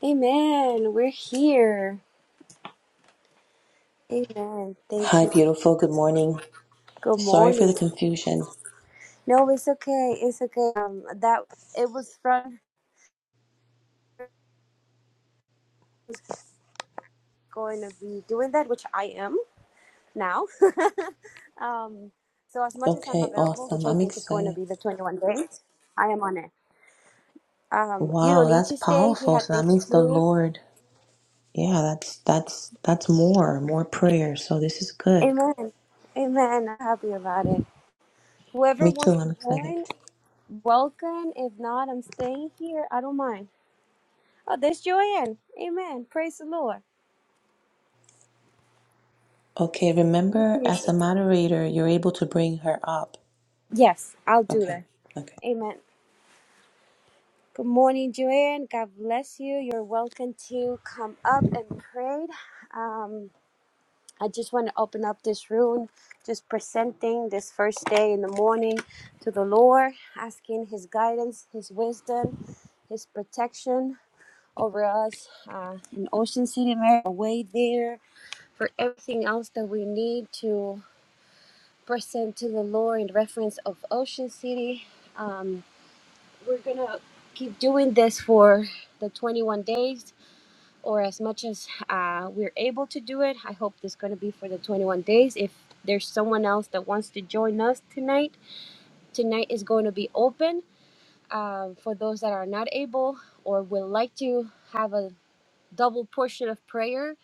Amen. We're here. Amen. Thank Hi, you. beautiful. Good morning. Good Sorry for the morning. confusion. No, it's okay. It's okay. Um, that it was fun going to be doing that, which I am now. um, so as much as I'm Okay, available, which awesome. I I'm think is going to excited. be the 21 days, I am on it. Um, you don't Wow, need that's to stay if you powerful. had So that things to means the do. Lord. Yeah, that's that's that's more, more prayer. So this is good. Amen. Amen. I'm happy about it. Whoever Me too. wants to I'm excited. join, welcome. If not, I'm staying here. I don't mind. Oh, that's Joanne. Amen. Praise the Lord. Okay, remember as a moderator, you're able to bring her up. Yes, I'll do Okay. that. Okay. Amen. Good morning, Joanne. God bless you. You're welcome to come up and pray. Um, I just want to open up this room, just presenting this first day in the morning to the Lord, asking His guidance, His wisdom, His protection over us uh, in Ocean City, Maryland, way there for everything else that we need to. present to the Lord in reference of Ocean City. Um, we're gonna keep doing this for the 21 days or as much as uh, we're able to do it. I hope this is gonna be for the 21 days. If there's someone else that wants to join us tonight, tonight is going to be open um, for those that are not able or would like to have a double portion of prayer.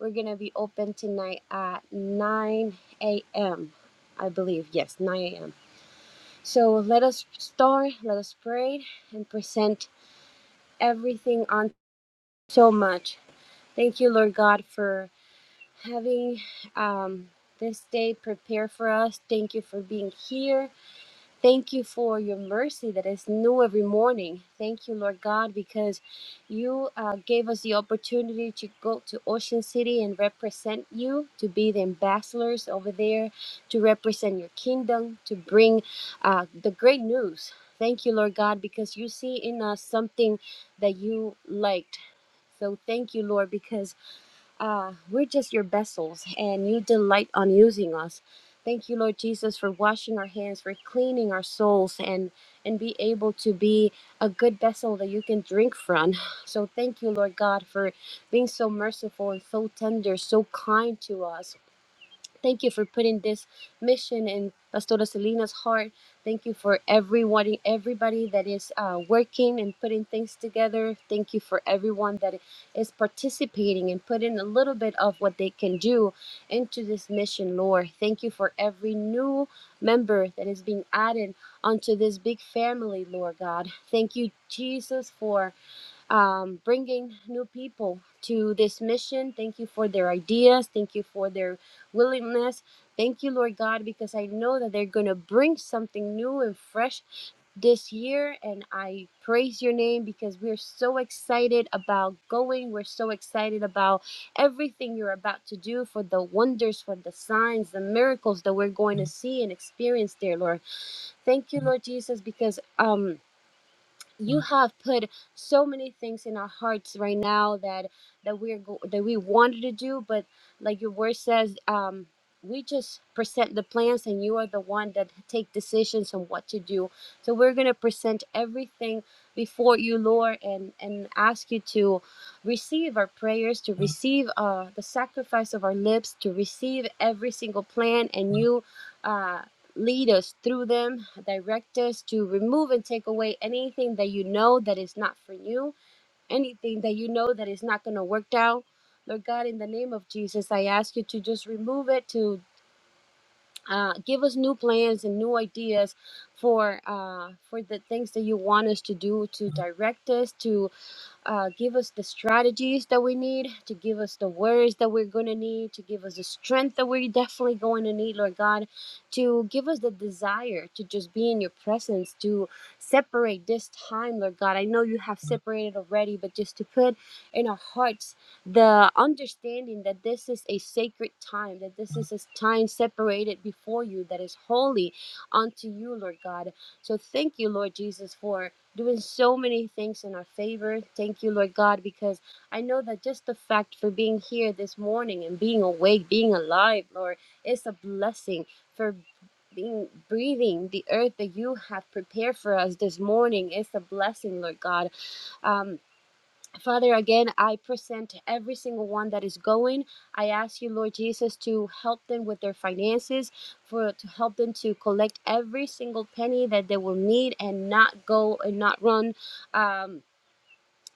We're gonna be open tonight at 9 a.m. I believe yes, 9 a.m. So let us start, let us pray, and present everything on so much. Thank you, Lord God, for having um, this day prepared for us. Thank you for being here. Thank you for your mercy that is new every morning. Thank you, Lord God, because you uh, gave us the opportunity to go to Ocean City and represent you, to be the ambassadors over there, to represent your kingdom, to bring uh, the great news. Thank you, Lord God, because you see in us something that you liked. So thank you, Lord, because uh, we're just your vessels, and you delight on using us. Thank you, Lord Jesus, for washing our hands, for cleaning our souls, and and be able to be a good vessel that you can drink from. So thank you, Lord God, for being so merciful and so tender, so kind to us. Thank you for putting this mission in Pastora Selena's heart. Thank you for everyone, everybody that is uh, working and putting things together. Thank you for everyone that is participating and putting a little bit of what they can do into this mission, Lord. Thank you for every new member that is being added onto this big family, Lord God. Thank you, Jesus, for um, bringing new people to this mission. Thank you for their ideas. Thank you for their willingness. Thank you, Lord God, because I know that they're going to bring something new and fresh this year. And I praise your name because we're so excited about going. We're so excited about everything you're about to do for the wonders, for the signs, the miracles that we're going to see and experience, dear Lord. Thank you, Lord Jesus, because, um, you have put so many things in our hearts right now that that we're go- that we wanted to do but like your word says um we just present the plans and you are the one that take decisions on what to do so we're going to present everything before you lord and and ask you to receive our prayers to receive uh the sacrifice of our lips to receive every single plan and you uh lead us through them, direct us to remove and take away anything that you know that is not for you, anything that you know that is not going to work out. Lord God, in the name of Jesus, I ask you to just remove it, to uh, give us new plans and new ideas for uh, for the things that you want us to do, to direct us, to uh, give us the strategies that we need, to give us the words that we're going to need, to give us the strength that we're definitely going to need, Lord God, to give us the desire to just be in your presence, to separate this time, Lord God. I know you have separated already, but just to put in our hearts the understanding that this is a sacred time, that this is a time separated before you that is holy unto you, Lord God. So thank you, Lord Jesus, for doing so many things in our favor. Thank you, Lord God, because I know that just the fact for being here this morning and being awake, being alive, Lord, is a blessing for being breathing the earth that you have prepared for us this morning is a blessing, Lord God. Um, Father, again, I present every single one that is going. I ask you, Lord Jesus, to help them with their finances, for to help them to collect every single penny that they will need and not go and not run. Um,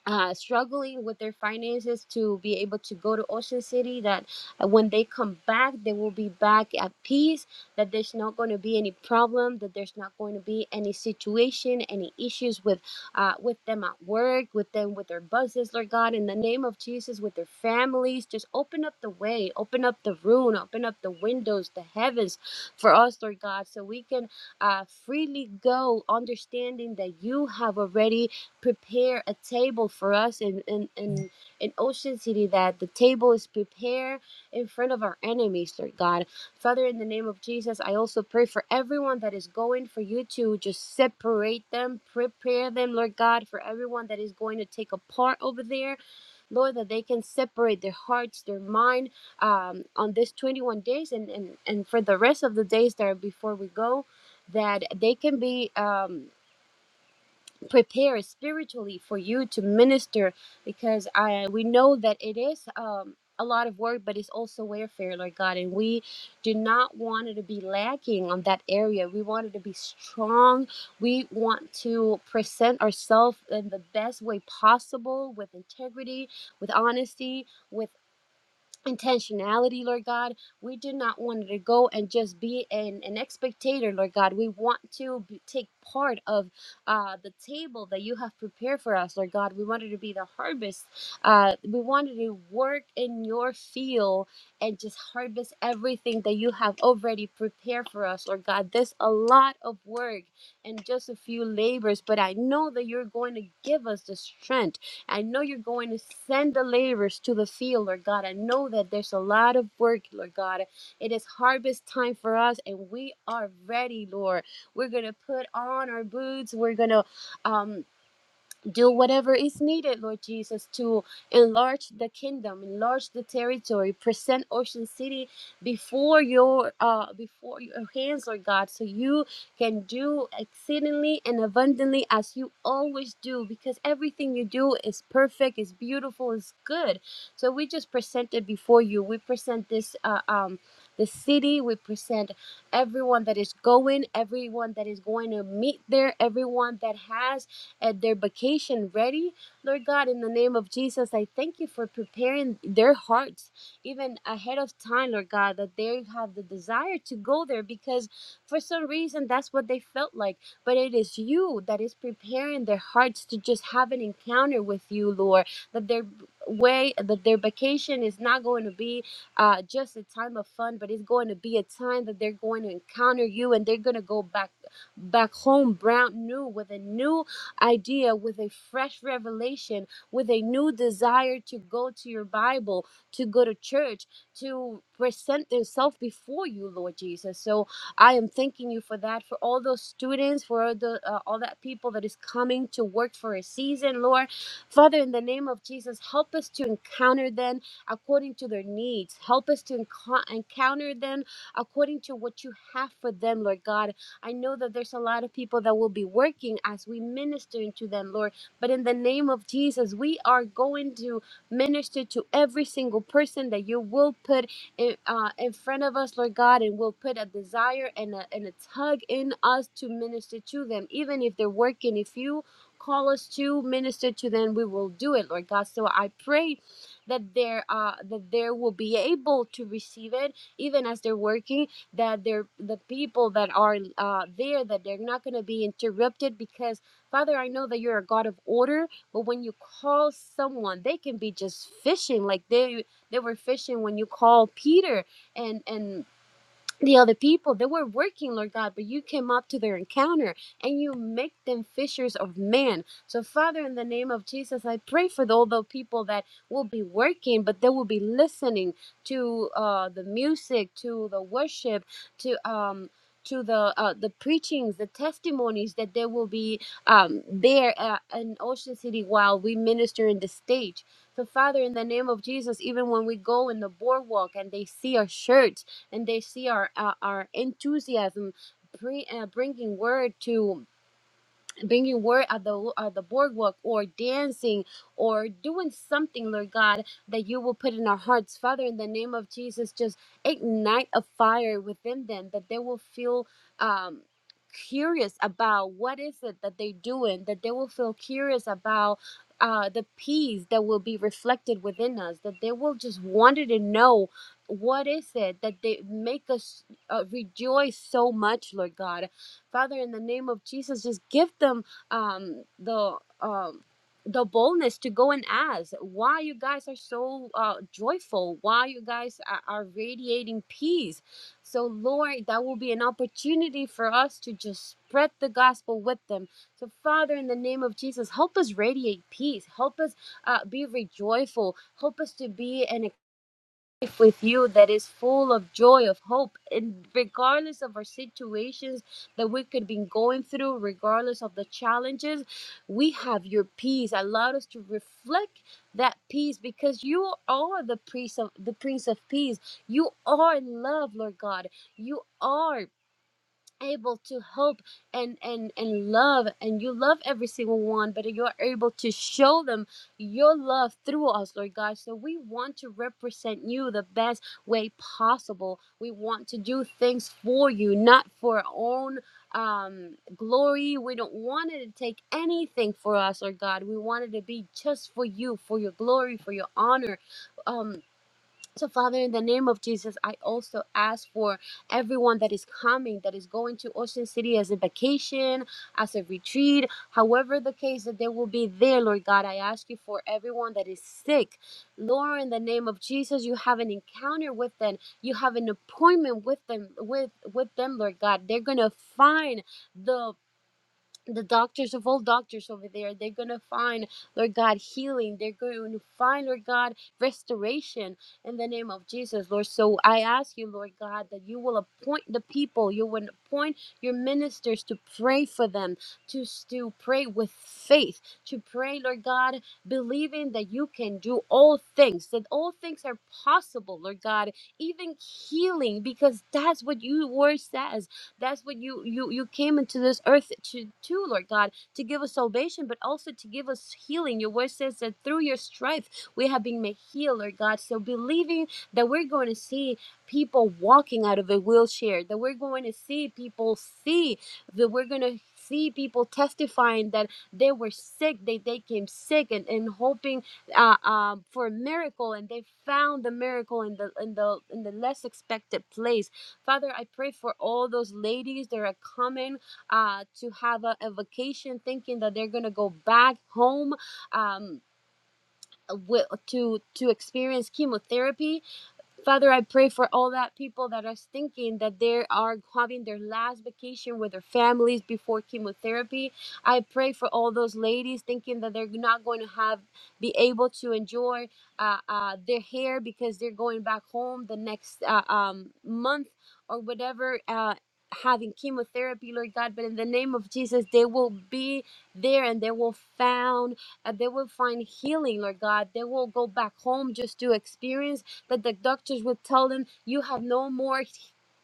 uh, struggling with their finances to be able to go to Ocean City. That uh, when they come back, they will be back at peace. That there's not going to be any problem. That there's not going to be any situation, any issues with uh, with them at work, with them with their buses, Lord God, in the name of Jesus, with their families. Just open up the way, open up the room, open up the windows, the heavens for us, Lord God, so we can uh, freely go, understanding that you have already prepare a table for us in, in, in, in Ocean City, that the table is prepared in front of our enemies, Lord God. Father, in the name of Jesus, I also pray for everyone that is going, for you to just separate them, prepare them, Lord God, for everyone that is going to take a part over there, Lord, that they can separate their hearts, their mind um, on this 21 days and, and, and for the rest of the days that are before we go. That they can be um, prepare spiritually for you to minister because i we know that it is um a lot of work but it's also warfare lord god and we do not want it to be lacking on that area we want it to be strong we want to present ourselves in the best way possible with integrity with honesty with intentionality, Lord God. We do not want to go and just be an, an spectator, Lord God. We want to be, take part of uh, the table that you have prepared for us, Lord God. We wanted to be the harvest. Uh, we wanted to work in your field and just harvest everything that you have already prepared for us, Lord God. There's a lot of work and just a few labors, but I know that you're going to give us the strength I know you're going to send the laborers to the field, Lord God. I know that there's a lot of work, Lord God. It is harvest time for us, and we are ready, Lord. We're going to put on our boots. We're going to um, do whatever is needed, Lord Jesus, to enlarge the kingdom, enlarge the territory, present Ocean City before your uh before your hands, Lord God, so you can do exceedingly and abundantly as you always do, because everything you do is perfect, is beautiful, is good. So we just present it before you. We present this uh, um the city, we present everyone that is going, everyone that is going to meet there, everyone that has and their vacation ready. Lord God, in the name of Jesus, I thank you for preparing their hearts even ahead of time, Lord God, that they have the desire to go there because for some reason that's what they felt like. But it is you that is preparing their hearts to just have an encounter with you, Lord, that their way, that their vacation is not going to be uh, just a time of fun, but it's going to be a time that they're going to encounter you and they're going to go back back home brand new with a new idea with a fresh revelation, with a new desire to go to your Bible, to go to church, to present themselves before you, Lord Jesus. So I am thanking you for that, for all those students, for all the uh, all that people that is coming to work for a season, Lord. Father, in the name of Jesus, help us to encounter them according to their needs. Help us to enco- encounter them according to what you have for them, Lord God I know that there's a lot of people that will be working as we minister into them, Lord. But in the name of Jesus, we are going to minister to every single person that you will put in, uh, in front of us, Lord God, and will put a desire and a, and a tug in us to minister to them, even if they're working. If you call us to minister to them, we will do it, Lord God. So I pray that they're uh, that they will be able to receive it, even as they're working that they're the people that are uh, there that they're not going to be interrupted because father i know that you're a god of order but when you call someone they can be just fishing like they they were fishing when you called peter and and the other people they were working lord god but you came up to their encounter and you make them fishers of men so father in the name of jesus i pray for all the people that will be working but they will be listening to uh the music to the worship to um to the uh, the preachings, the testimonies that there will be um, there uh, in Ocean City while we minister in the stage. So, Father, in the name of Jesus, even when we go in the boardwalk and they see our shirts, and they see our uh, our enthusiasm bring, uh, bringing word to bringing word at the at the boardwalk or dancing or doing something lord god that you will put in our hearts father in the name of jesus just ignite a fire within them that they will feel um curious about what is it that they're doing that they will feel curious about uh, the peace that will be reflected within us that they will just wanted to know what is it that they make us uh, rejoice so much lord god Father, in the name of Jesus, just give them um, the um, the boldness to go and ask why you guys are so uh, joyful, why you guys are, are radiating peace. So, Lord, that will be an opportunity for us to just spread the gospel with them. So, Father, in the name of Jesus, help us radiate peace. Help us uh, be rejoiceful. Help us to be an life with you that is full of joy of hope and regardless of our situations that we could be going through regardless of the challenges we have your peace Allow us to reflect that peace because you are the prince of the prince of peace you are love lord god you are able to help and and and love and you love every single one but you're able to show them your love through us lord god so we want to represent you the best way possible we want to do things for you not for our own um glory we don't want it to take anything for us lord god we want it to be just for you for your glory for your honor um so, Father, in the name of Jesus, I also ask for everyone that is coming, that is going to Ocean City as a vacation, as a retreat, however the case that they will be there, Lord God. I ask you for everyone that is sick. Lord, in the name of Jesus, you have an encounter with them. You have an appointment with them, with, with them, Lord God. They're gonna find the the doctors of all doctors over there they're going to find lord god healing they're going to find lord god restoration in the name of jesus lord so i ask you lord god that you will appoint the people you will appoint your ministers to pray for them to, to pray with faith to pray lord god believing that you can do all things that all things are possible lord god even healing because that's what your word says that's what you you you came into this earth to to Lord God to give us salvation, but also to give us healing. Your word says that through your strife we have been made healed, Lord God. So believing that we're going to see people walking out of a wheelchair, that we're going to see people see, that we're going to see people testifying that they were sick, they, they came sick and, and hoping uh, um, for a miracle and they found the miracle in the in the in the less expected place Father, I pray for all those ladies that are coming uh, to have a, a vacation thinking that they're going to go back home um, with to, to experience chemotherapy. Father, I pray for all that people that are thinking that they are having their last vacation with their families before chemotherapy. I pray for all those ladies thinking that they're not going to have be able to enjoy uh, uh, their hair because they're going back home the next uh, um, month or whatever. Uh, having chemotherapy lord god but in the name of jesus they will be there and they will found uh, they will find healing lord god they will go back home just to experience that the doctors would tell them you have no more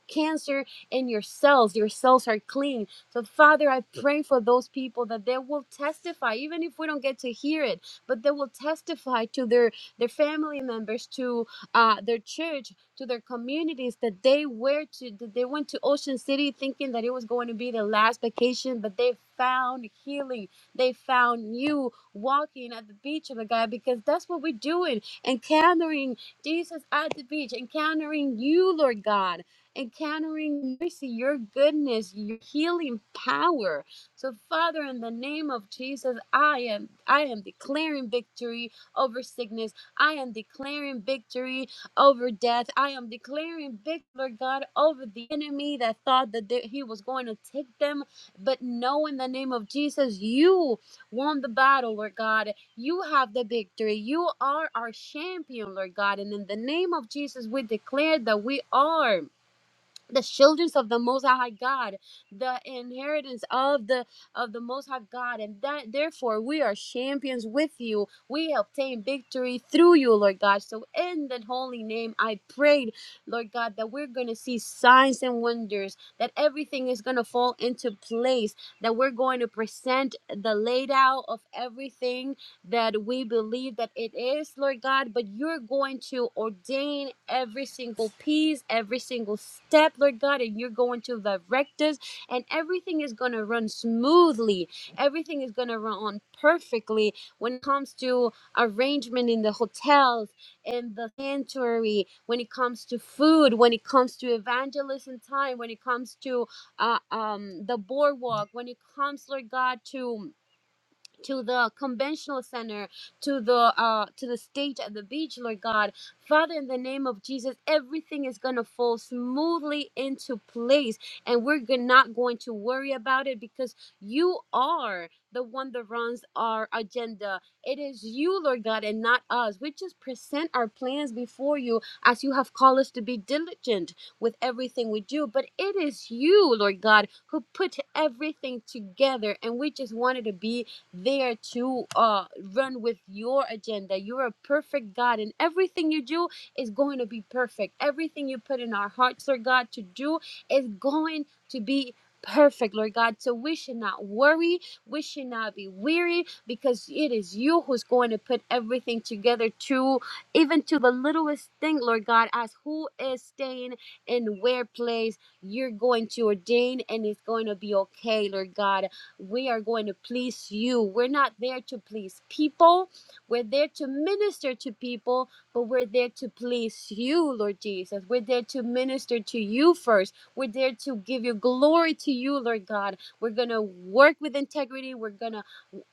cancer in your cells. Your cells are clean. So, Father, I pray for those people that they will testify, even if we don't get to hear it, but they will testify to their, their family members, to uh, their church, to their communities that they were to that they went to Ocean City thinking that it was going to be their last vacation, but they found healing. They found you walking at the beach of a guy because that's what we're doing, encountering Jesus at the beach, encountering you, Lord God encountering mercy, your goodness, your healing power. So, Father, in the name of Jesus, I am I am declaring victory over sickness. I am declaring victory over death. I am declaring victory, Lord God, over the enemy that thought that they- he was going to take them. But no, in the name of Jesus, you won the battle, Lord God. You have the victory. You are our champion, Lord God. And in the name of Jesus, we declare that we are the children of the most high god the inheritance of the of the most high god and that therefore we are champions with you we obtain victory through you lord god so in the holy name i prayed lord god that we're going to see signs and wonders that everything is going to fall into place that we're going to present the laid out of everything that we believe that it is, Lord God, but you're going to ordain every single piece, every single step, Lord God, and you're going to direct us, and everything is going to run smoothly. Everything is going to run on perfectly when it comes to arrangement in the hotels, in the sanctuary, when it comes to food, when it comes to evangelism time, when it comes to uh, um, the boardwalk, when it comes, Lord God, to to the conventional center to the uh to the stage at the beach lord god father in the name of jesus everything is gonna fall smoothly into place and we're go- not going to worry about it because you are the one that runs our agenda it is you lord god and not us we just present our plans before you as you have called us to be diligent with everything we do but it is you lord god who put everything together and we just wanted to be there to uh, run with your agenda. You're a perfect God, and everything you do is going to be perfect. Everything you put in our hearts, Lord God, to do is going to be perfect, Lord God. So we should not worry. We should not be weary because it is you who's going to put everything together to even to the littlest thing, Lord God, as who is staying in where place you're going to ordain and it's going to be okay, Lord God we are going to please you. We're not there to please people. We're there to minister to people, but we're there to please you, Lord Jesus. We're there to minister to you first. We're there to give your glory to you, Lord God. We're going to work with integrity. We're going to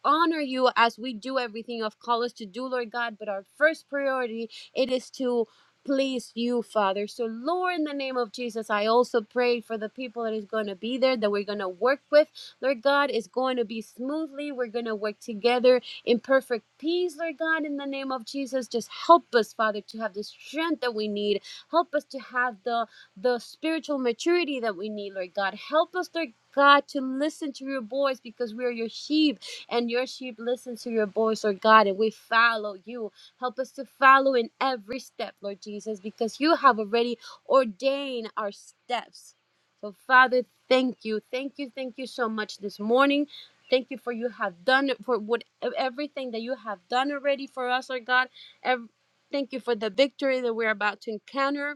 honor you as we do everything of call us to do, Lord God. But our first priority it is to please you, Father. So, Lord, in the name of Jesus, I also pray for the people that is going to be there, that we're going to work with. Lord God, it's going to be smoothly. We're going to work together in perfect peace, Lord God, in the name of Jesus. Just help us, Father, to have the strength that we need. Help us to have the the spiritual maturity that we need, Lord God. Help us, Lord God, to listen to your voice because we are your sheep and your sheep listen to your voice, Lord God, and we follow you. Help us to follow in every step, Lord Jesus, because you have already ordained our steps. So, Father, thank you. Thank you. Thank you so much this morning. Thank you for you have done for what everything that you have done already for us, Lord God. Ev- thank you for the victory that we're about to encounter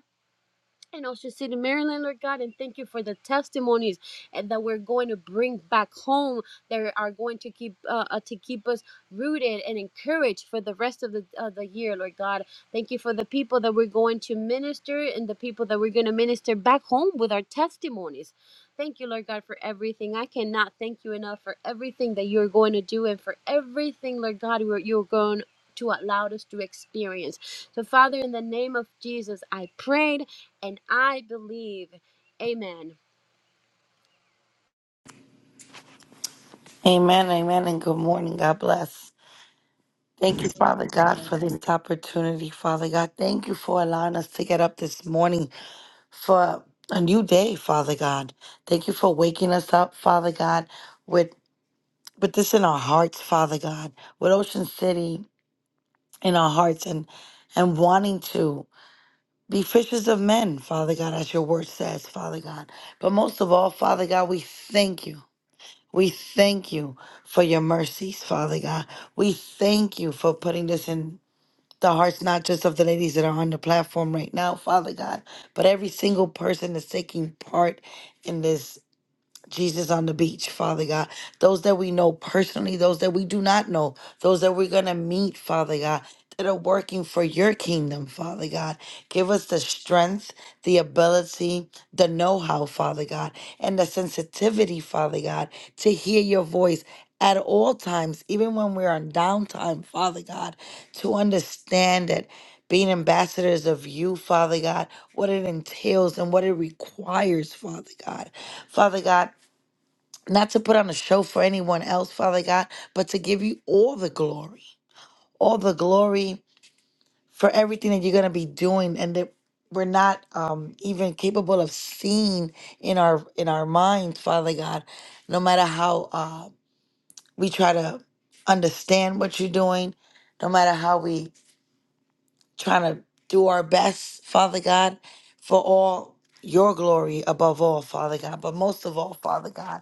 in Ocean City, Maryland, Lord God, and thank you for the testimonies and that we're going to bring back home that are going to keep uh, uh, to keep us rooted and encouraged for the rest of the of the year, Lord God. Thank you for the people that we're going to minister and the people that we're going to minister back home with our testimonies. Thank you, Lord God, for everything. I cannot thank you enough for everything that you're going to do and for everything, Lord God, you you're going to allow us to experience. So, Father, in the name of Jesus, I prayed. And I believe, amen. Amen, amen, and good morning. God bless. Thank you, Father God, for this opportunity, Father God. Thank you for allowing us to get up this morning for a new day, Father God. Thank you for waking us up, Father God, with with this in our hearts, Father God, with Ocean City in our hearts and and wanting to be fishers of men, Father God, as your word says, Father God. But most of all, Father God, we thank you. We thank you for your mercies, Father God. We thank you for putting this in the hearts, not just of the ladies that are on the platform right now, Father God, but every single person that's taking part in this. Jesus on the beach, Father God. Those that we know personally, those that we do not know, those that we're going to meet, Father God, that are working for your kingdom, Father God. Give us the strength, the ability, the know how, Father God, and the sensitivity, Father God, to hear your voice. At all times, even when we're on downtime, Father God, to understand that being ambassadors of you, Father God, what it entails and what it requires, Father God. Father God, not to put on a show for anyone else, Father God, but to give you all the glory, all the glory for everything that you're going to be doing and that we're not um, even capable of seeing in our in our minds, Father God, no matter how uh, we try to understand what you're doing, no matter how we trying to do our best, Father God, for all your glory above all, Father God. But most of all, Father God,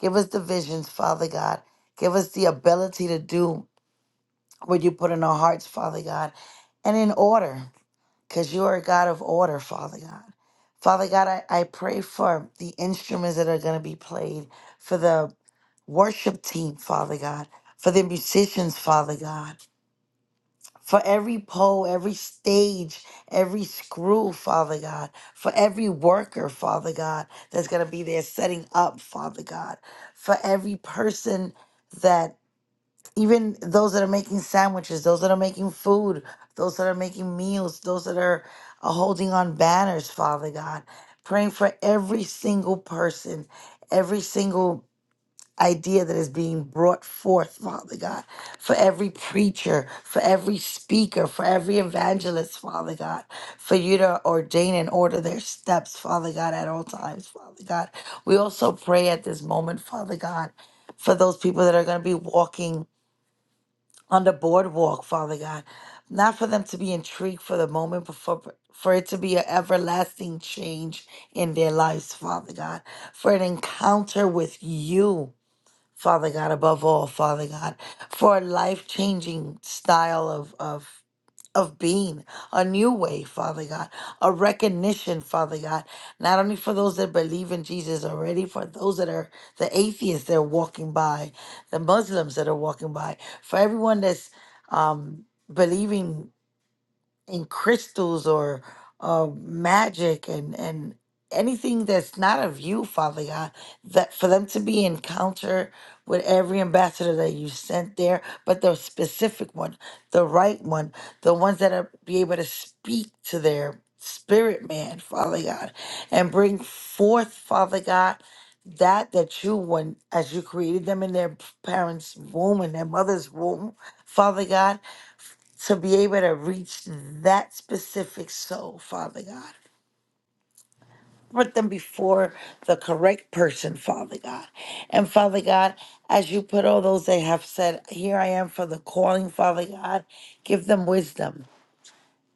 give us the visions, Father God. Give us the ability to do what you put in our hearts, Father God, and in order, because you are a God of order, Father God. Father God, I, I pray for the instruments that are going to be played, for the worship team, Father God, for the musicians, Father God for every pole, every stage, every screw, Father God, for every worker, Father God, that's going to be there setting up, Father God, for every person that, even those that are making sandwiches, those that are making food, those that are making meals, those that are uh, holding on banners, Father God, praying for every single person, every single idea that is being brought forth, Father God, for every preacher, for every speaker, for every evangelist, Father God, for you to ordain and order their steps, Father God, at all times, Father God. We also pray at this moment, Father God, for those people that are going to be walking on the boardwalk, Father God, not for them to be intrigued for the moment, but for for it to be an everlasting change in their lives, Father God, for an encounter with you. Father God, above all, Father God, for a life changing style of, of of being a new way, Father God, a recognition, Father God, not only for those that believe in Jesus already, for those that are the atheists that are walking by, the Muslims that are walking by, for everyone that's um, believing and crystals or uh, magic and and anything that's not of you, Father God, that for them to be encounter with every ambassador that you sent there, but the specific one, the right one, the ones that are be able to speak to their spirit man, Father God, and bring forth, Father God, that that you when as you created them in their parents' womb and their mother's womb, Father God to be able to reach that specific soul, Father God. Put them before the correct person, Father God. And Father God, as you put all those they have said, Here I am for the calling, Father God, give them wisdom.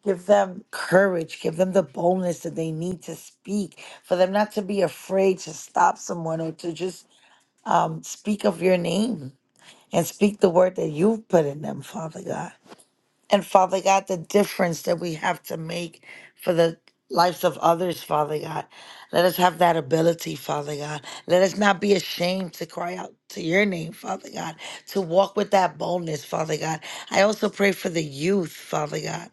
Give them courage. Give them the boldness that they need to speak. For them not to be afraid to stop someone or to just um, speak of your name and speak the word that you've put in them, Father God. And Father God, the difference that we have to make for the lives of others, Father God. Let us have that ability, Father God. Let us not be ashamed to cry out to your name, Father God, to walk with that boldness, Father God. I also pray for the youth, Father God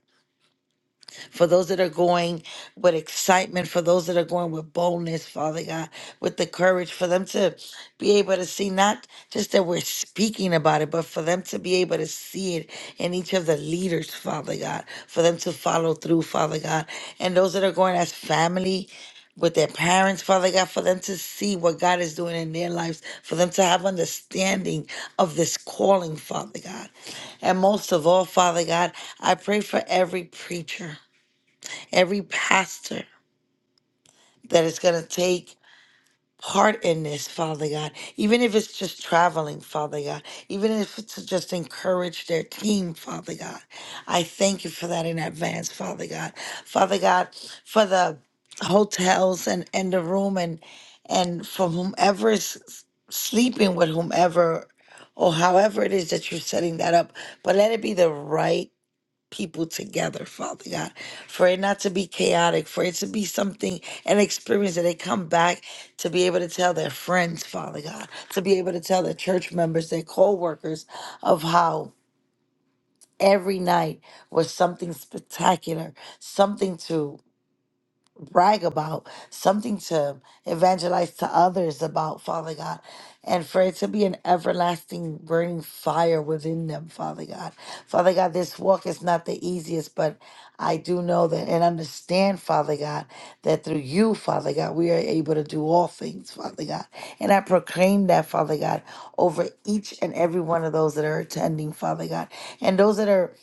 for those that are going with excitement, for those that are going with boldness, Father God, with the courage for them to be able to see not just that we're speaking about it, but for them to be able to see it in each of the leaders, Father God, for them to follow through, Father God. And those that are going as family, with their parents, Father God, for them to see what God is doing in their lives, for them to have understanding of this calling, Father God. And most of all, Father God, I pray for every preacher every pastor that is going to take part in this, Father God, even if it's just traveling, Father God, even if it's to just encourage their team, Father God. I thank you for that in advance, Father God. Father God, for the hotels and, and the room and and for whomever is s- sleeping with whomever or however it is that you're setting that up, but let it be the right people together, Father God, for it not to be chaotic, for it to be something, an experience that they come back to be able to tell their friends, Father God, to be able to tell their church members, their co workers, of how every night was something spectacular, something to brag about, something to evangelize to others about, Father God, and for it to be an everlasting burning fire within them, Father God. Father God, this walk is not the easiest, but I do know that and understand, Father God, that through you, Father God, we are able to do all things, Father God. And I proclaim that, Father God, over each and every one of those that are attending, Father God, and those that are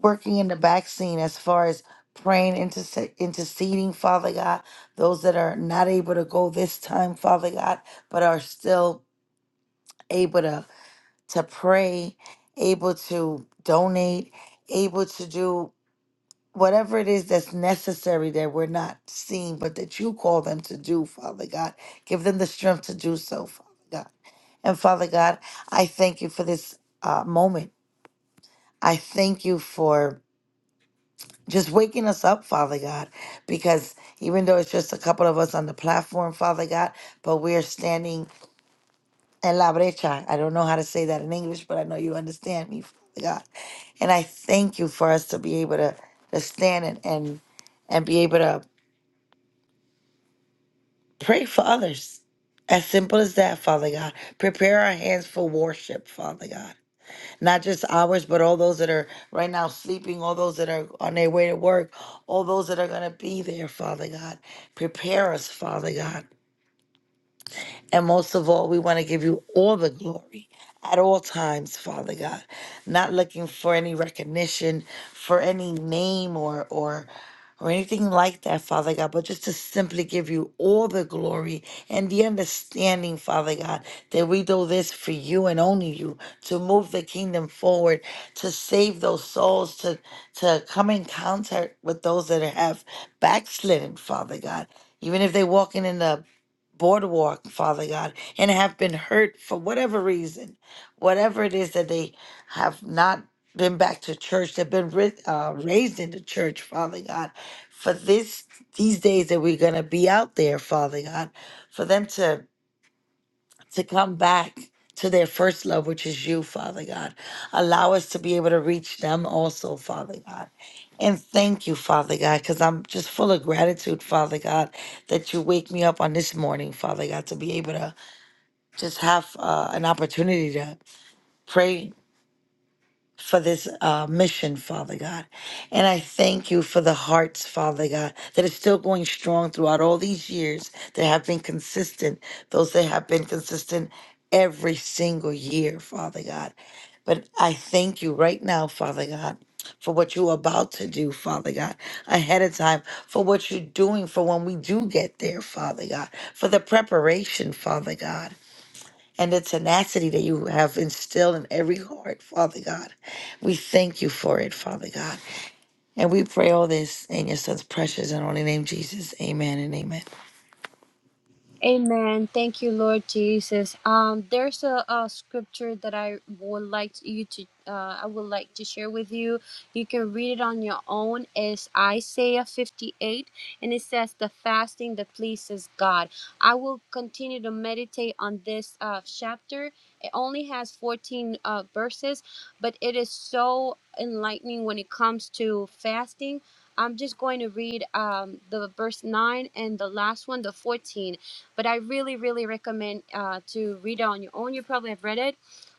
working in the back scene as far as praying, interse- interceding, Father God, those that are not able to go this time, Father God, but are still able to, to pray, able to donate, able to do whatever it is that's necessary that we're not seeing, but that you call them to do, Father God. Give them the strength to do so, Father God. And Father God, I thank you for this uh, moment. I thank you for just waking us up, Father God, because even though it's just a couple of us on the platform, Father God, but we're standing en la brecha. I don't know how to say that in English, but I know you understand me, Father God. And I thank you for us to be able to, to stand and, and and be able to pray for others. As simple as that, Father God. Prepare our hands for worship, Father God. not just ours, but all those that are right now sleeping, all those that are on their way to work, all those that are going to be there, Father God. Prepare us, Father God. And most of all, we want to give you all the glory at all times, Father God. Not looking for any recognition, for any name or or or anything like that, Father God, but just to simply give you all the glory and the understanding, Father God, that we do this for you and only you to move the kingdom forward, to save those souls, to to come in contact with those that have backslidden, Father God. Even if they're walking in the boardwalk, Father God, and have been hurt for whatever reason, whatever it is that they have not been back to church, they've been ri- uh, raised in the church, Father God, for this these days that we're gonna be out there, Father God, for them to to come back to their first love, which is you, Father God. Allow us to be able to reach them also, Father God. And thank you, Father God, because I'm just full of gratitude, Father God, that you wake me up on this morning, Father God, to be able to just have uh, an opportunity to pray for this uh, mission, Father God. And I thank you for the hearts, Father God, that are still going strong throughout all these years that have been consistent, those that have been consistent every single year, Father God. But I thank you right now, Father God. For what you're about to do, Father God, ahead of time, for what you're doing, for when we do get there, Father God, for the preparation, Father God and the tenacity that you have instilled in every heart, Father God. We thank you for it, Father God. And we pray all this in your son's precious and holy name, Jesus. Amen and amen. Amen. Thank you, Lord Jesus. Um, there's a, a scripture that I would like you to, uh, I would like to share with you. You can read it on your own. It's Isaiah 58, and it says, "The fasting that pleases God." I will continue to meditate on this uh, chapter. It only has 14 uh, verses, but it is so enlightening when it comes to fasting. I'm just going to read um, the verse 9 and the last one, the 14. But I really, really recommend uh, to read it on your own. You probably have read it,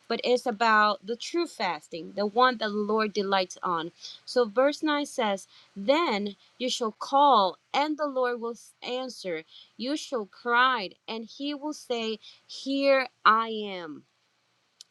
but it's about the true fasting, the one that the Lord delights on. So verse 9 says, Then you shall call, and the Lord will answer. You shall cry, and he will say, Here I am.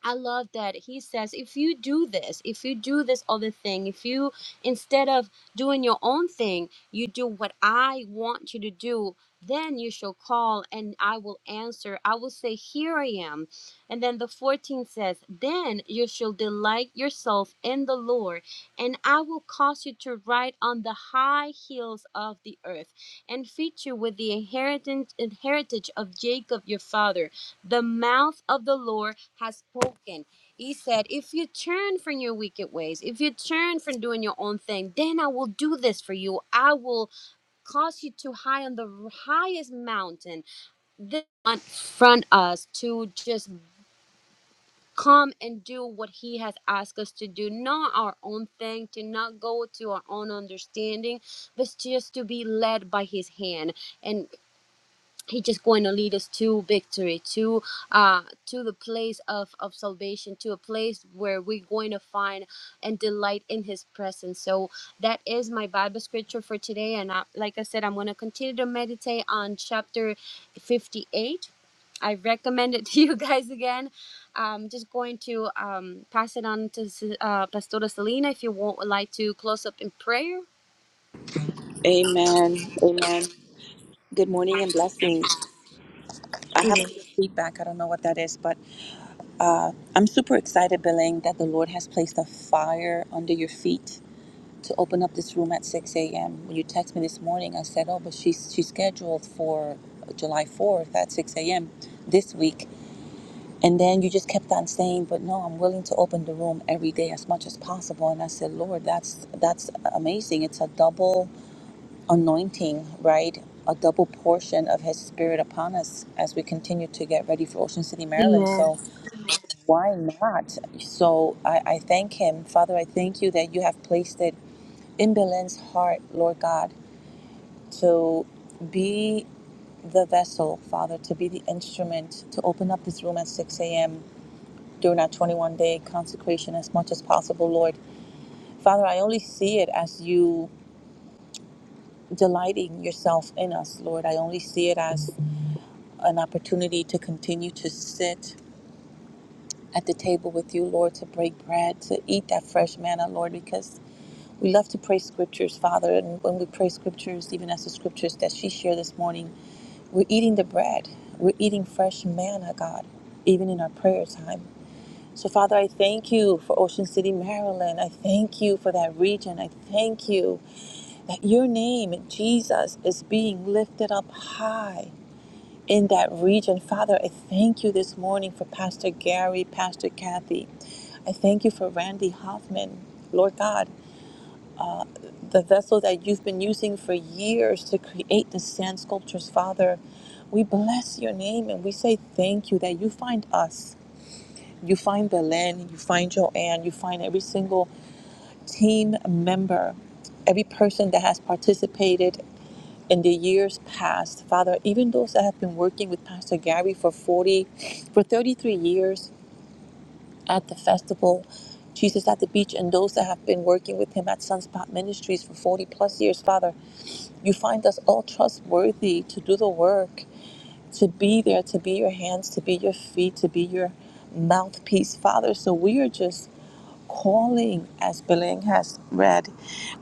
I love that he says, if you do this, if you do this other thing, if you, instead of doing your own thing, you do what I want you to do, then you shall call and I will answer. I will say, Here I am. And then the 14 says, Then you shall delight yourself in the Lord, and I will cause you to ride on the high hills of the earth and feed you with the inheritance, inheritance of Jacob your father. The mouth of the Lord has spoken. He said, If you turn from your wicked ways, if you turn from doing your own thing, then I will do this for you. I will cause you to high on the highest mountain, then front us to just come and do what He has asked us to do, not our own thing, to not go to our own understanding, but just to be led by His hand. And He's just going to lead us to victory, to uh, to the place of, of salvation, to a place where we're going to find and delight in His presence. So that is my Bible scripture for today, and I, like I said, I'm going to continue to meditate on chapter 58. I recommend it to you guys again. I'm just going to um, pass it on to uh, Pastora Selena if you want, would like to close up in prayer. Amen. Amen. Good morning and blessings. I have a little feedback. I don't know what that is, but I'm super excited, Beling, that the Lord has placed a fire under your feet to open up this room at 6 a.m. When you text me this morning, I said, "Oh, but she's she's scheduled for July 4th at 6 a.m. this week." And then you just kept on saying, "But no, I'm willing to open the room every day as much as possible." And I said, "Lord, that's that's amazing. It's a double anointing, right? A double portion of His Spirit upon us as we continue to get ready for Ocean City, Maryland." Amen. So why not? So I, I thank Him, Father. I thank you that you have placed it in Belen's heart, Lord God, to be the vessel, Father, to be the instrument, to open up this room at 6 a.m. during our 21 day consecration as much as possible, Lord. Father, I only see it as you delighting yourself in us, Lord. I only see it as an opportunity to continue to sit at the table with you, Lord, to break bread, to eat that fresh manna, Lord, because We love to pray scriptures, Father, and when we pray scriptures, even as the scriptures that she shared this morning, we're eating the bread. We're eating fresh manna, God, even in our prayer time. So, Father, I thank you for Ocean City, Maryland. I thank you for that region. I thank you that your name, Jesus, is being lifted up high in that region. Father, I thank you this morning for Pastor Gary, Pastor Kathy. I thank you for Randy Hoffman, Lord God the vessel that you've been using for years to create the sand sculptures, Father. We bless your name and we say thank you that you find us. You find Belen, you find Joanne, you find every single team member, every person that has participated in the years past. Father, even those that have been working with Pastor Gary for 40, for 33 years, at the festival, Jesus at the beach, and those that have been working with him at Sunspot Ministries for 40 plus years, Father. You find us all trustworthy to do the work, to be there, to be your hands, to be your feet, to be your mouthpiece, Father. So we are just calling, as Belen has read,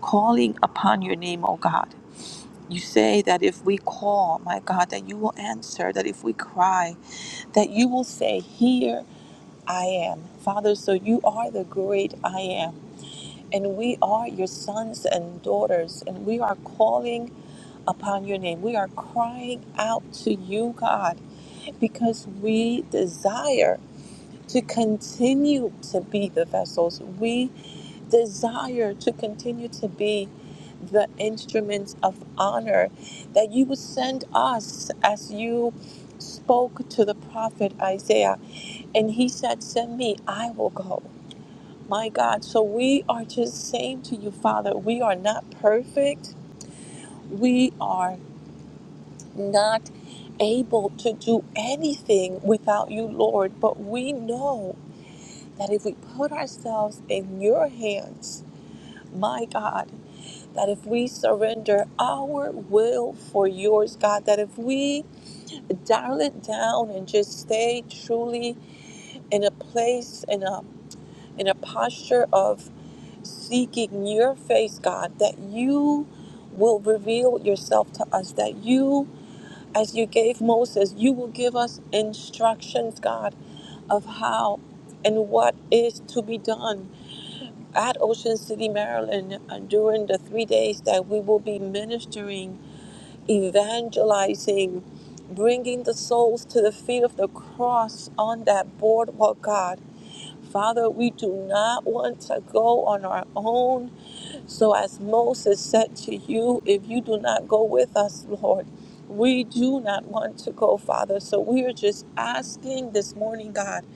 calling upon your name, O God. You say that if we call, my God, that you will answer, that if we cry, that you will say, "Here." I am. Father, so you are the great I am. And we are your sons and daughters, and we are calling upon your name. We are crying out to you, God, because we desire to continue to be the vessels. We desire to continue to be the instruments of honor that you would send us as you spoke to the prophet Isaiah. And he said, Send me, I will go. My God, so we are just saying to you, Father, we are not perfect. We are not able to do anything without you, Lord. But we know that if we put ourselves in your hands, my God, that if we surrender our will for yours, God, that if we dial it down and just stay truly in a place, in a in a posture of seeking your face, God, that you will reveal yourself to us, that you, as you gave Moses, you will give us instructions, God, of how and what is to be done at Ocean City, Maryland, uh, during the three days that we will be ministering, evangelizing, bringing the souls to the feet of the cross on that boardwalk, God. Father, we do not want to go on our own so, as Moses said to you, if you do not go with us, Lord, we do not want to go, Father. So, we are just asking this morning, God,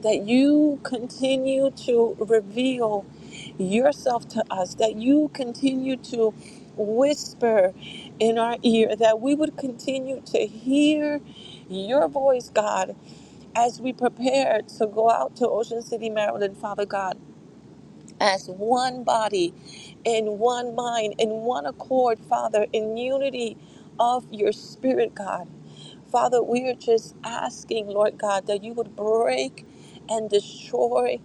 that you continue to reveal yourself to us, that you continue to whisper in our ear, that we would continue to hear your voice, God, as we prepare to go out to Ocean City, Maryland, Father God as one body, in one mind, in one accord, Father, in unity of your spirit, God. Father, we are just asking, Lord God, that you would break and destroy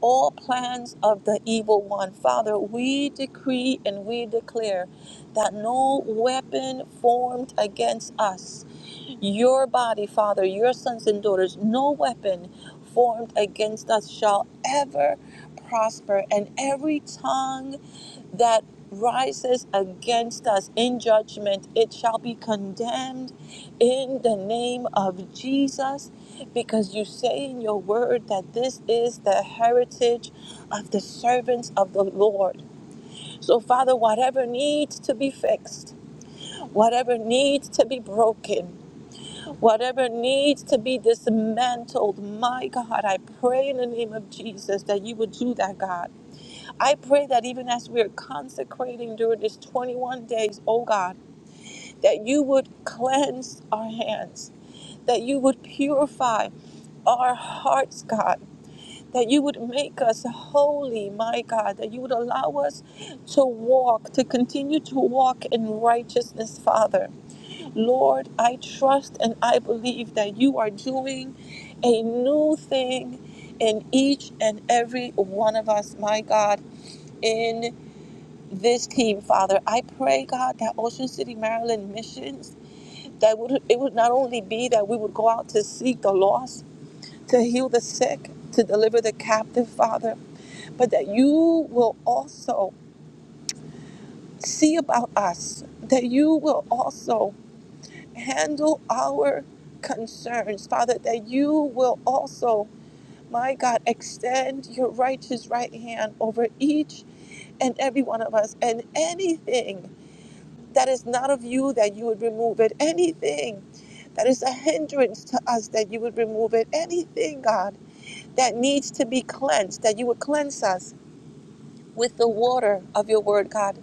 all plans of the evil one. Father, we decree and we declare that no weapon formed against us, your body, Father, your sons and daughters, no weapon formed against us shall ever prosper. And every tongue that rises against us in judgment, it shall be condemned in the name of Jesus, because you say in your word that this is the heritage of the servants of the Lord. So, Father, whatever needs to be fixed, whatever needs to be broken, whatever needs to be dismantled, my God, I pray in the name of Jesus that you would do that, God. I pray that even as we are consecrating during this 21 days, oh God, that you would cleanse our hands that you would purify our hearts, God, that you would make us holy, my God, that you would allow us to walk, to continue to walk in righteousness, Father. Lord, I trust and I believe that you are doing a new thing in each and every one of us, my God, in this team, Father. I pray, God, that Ocean City, Maryland missions, that would it would not only be that we would go out to seek the lost, to heal the sick, to deliver the captive, Father, but that you will also see about us, that you will also handle our concerns, Father, that you will also, my God, extend your righteous right hand over each and every one of us, and anything that is not of you, that you would remove it, anything that is a hindrance to us, that you would remove it, anything, God that needs to be cleansed, that you would cleanse us with the water of your word, God,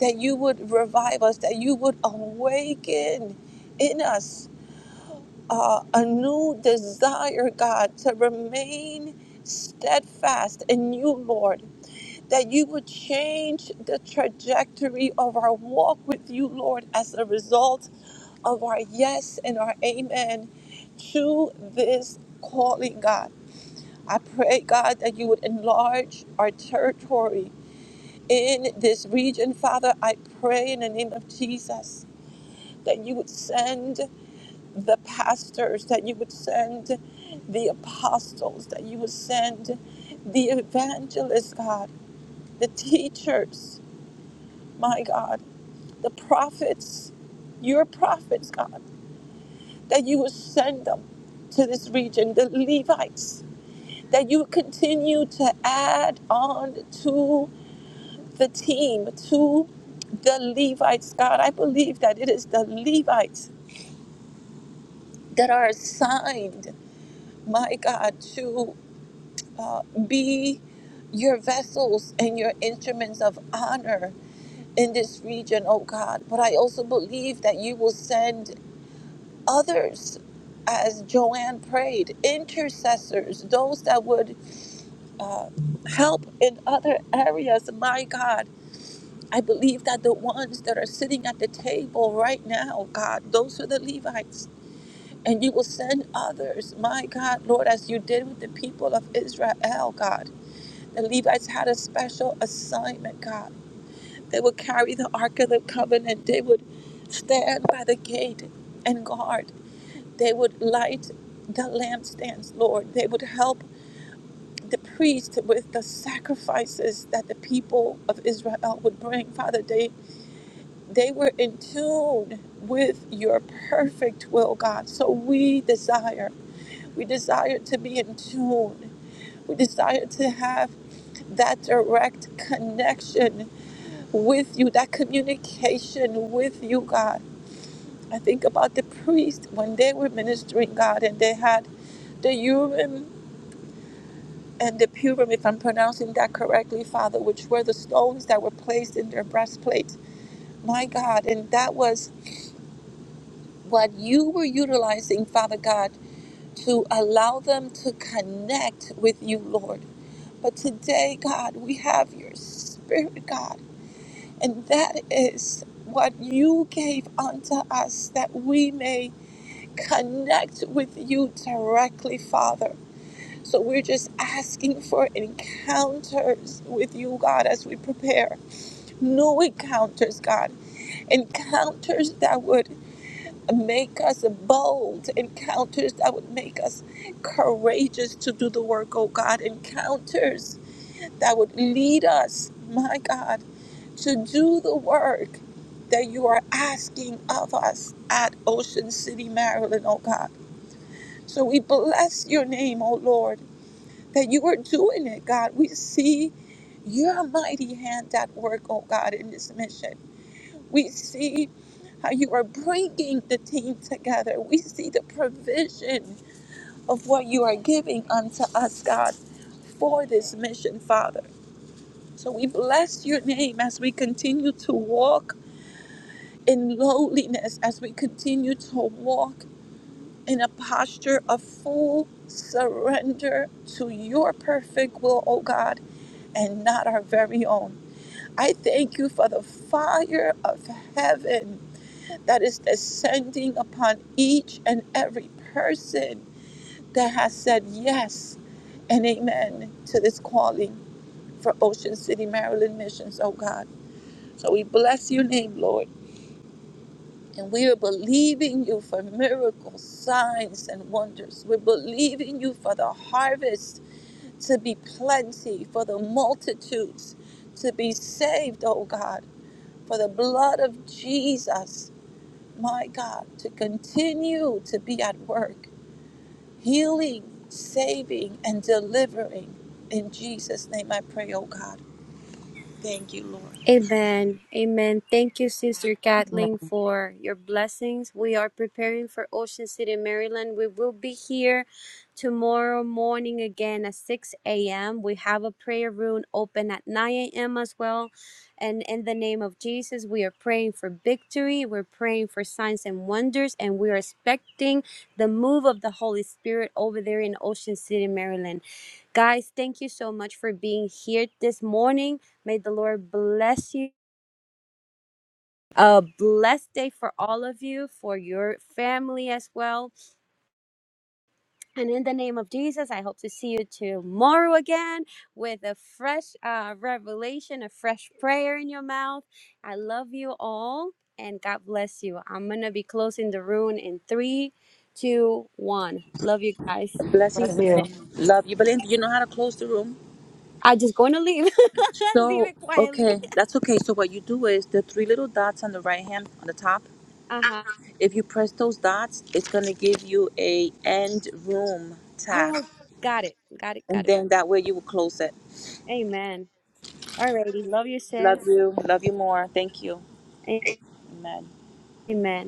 that you would revive us, that you would awaken in us uh, a new desire, God, to remain steadfast in you, Lord, that you would change the trajectory of our walk with you, Lord, as a result of our yes and our amen to this calling, God. I pray, God, that you would enlarge our territory in this region. Father, I pray in the name of Jesus that you would send the pastors, that you would send the apostles, that you would send the evangelists, God, the teachers, my God, the prophets, your prophets, God, that you would send them to this region, the Levites, that you would continue to add on to the team to the Levites, God. I believe that it is the Levites that are assigned, my God, to uh, be your vessels and your instruments of honor in this region, oh God. But I also believe that you will send others, as Joanne prayed, intercessors, those that would uh, help in other areas, my God I believe that the ones that are sitting at the table right now, God, those are the Levites. And you will send others, my God, Lord, as you did with the people of Israel, God. The Levites had a special assignment, God. They would carry the Ark of the Covenant, they would stand by the gate and guard, they would light the lampstands, Lord. They would help the priest with the sacrifices that the people of Israel would bring, Father. They they were in tune with your perfect will, God. So we desire, we desire to be in tune. We desire to have that direct connection with you, that communication with you, God. I think about the priest when they were ministering, God, and they had the Urim and the Purim, if I'm pronouncing that correctly, Father, which were the stones that were placed in their breastplates. My God, and that was what you were utilizing, Father God, to allow them to connect with you, Lord. But today, God, we have your spirit, God, and that is what you gave unto us that we may connect with you directly, Father. So we're just asking for encounters with you, God, as we prepare. New encounters, God. Encounters that would make us bold encounters that would make us courageous to do the work oh god encounters that would lead us my god to do the work that you are asking of us at ocean city maryland oh god so we bless your name oh lord that you are doing it god we see your mighty hand at work oh god in this mission we see how you are bringing the team together. We see the provision of what you are giving unto us, God, for this mission, Father. So we bless your name as we continue to walk in lowliness, as we continue to walk in a posture of full surrender to your perfect will, O God, and not our very own. I thank you for the fire of heaven that is descending upon each and every person that has said yes and amen to this calling for Ocean City, Maryland missions, oh God. So we bless your name, Lord. And we are believing you for miracles, signs, and wonders. We're believing you for the harvest to be plenty, for the multitudes to be saved, oh God, for the blood of Jesus my God, to continue to be at work, healing, saving, and delivering. In Jesus' name I pray, oh God. Thank you, Lord. Amen. Amen. Thank you, Sister Amen. Kathleen, for your blessings. We are preparing for Ocean City, Maryland. We will be here tomorrow morning again at 6 a.m. We have a prayer room open at 9 a.m. as well. And in the name of Jesus, we are praying for victory. We're praying for signs and wonders. And we are expecting the move of the Holy Spirit over there in Ocean City, Maryland. Guys, thank you so much for being here this morning. May the Lord bless you. A blessed day for all of you, for your family as well. And in the name of Jesus, I hope to see you tomorrow again with a fresh uh, revelation, a fresh prayer in your mouth. I love you all and God bless you. I'm going to be closing the room in three, two, one. Love you guys. Blessings Love and you. name. Love you. Belinda, you know how to close the room? i am just going to leave. leave So, it quietly. okay, that's okay. So, what you do is the three little dots on the right hand on the top, Uh huh. if you press those dots, it's going to give you a end room tab. Oh, got it. Got it. And Got it. then that way you will close it. Amen. Alrighty. Love you, sis. Love you. Love you more. Thank you. Amen. Amen.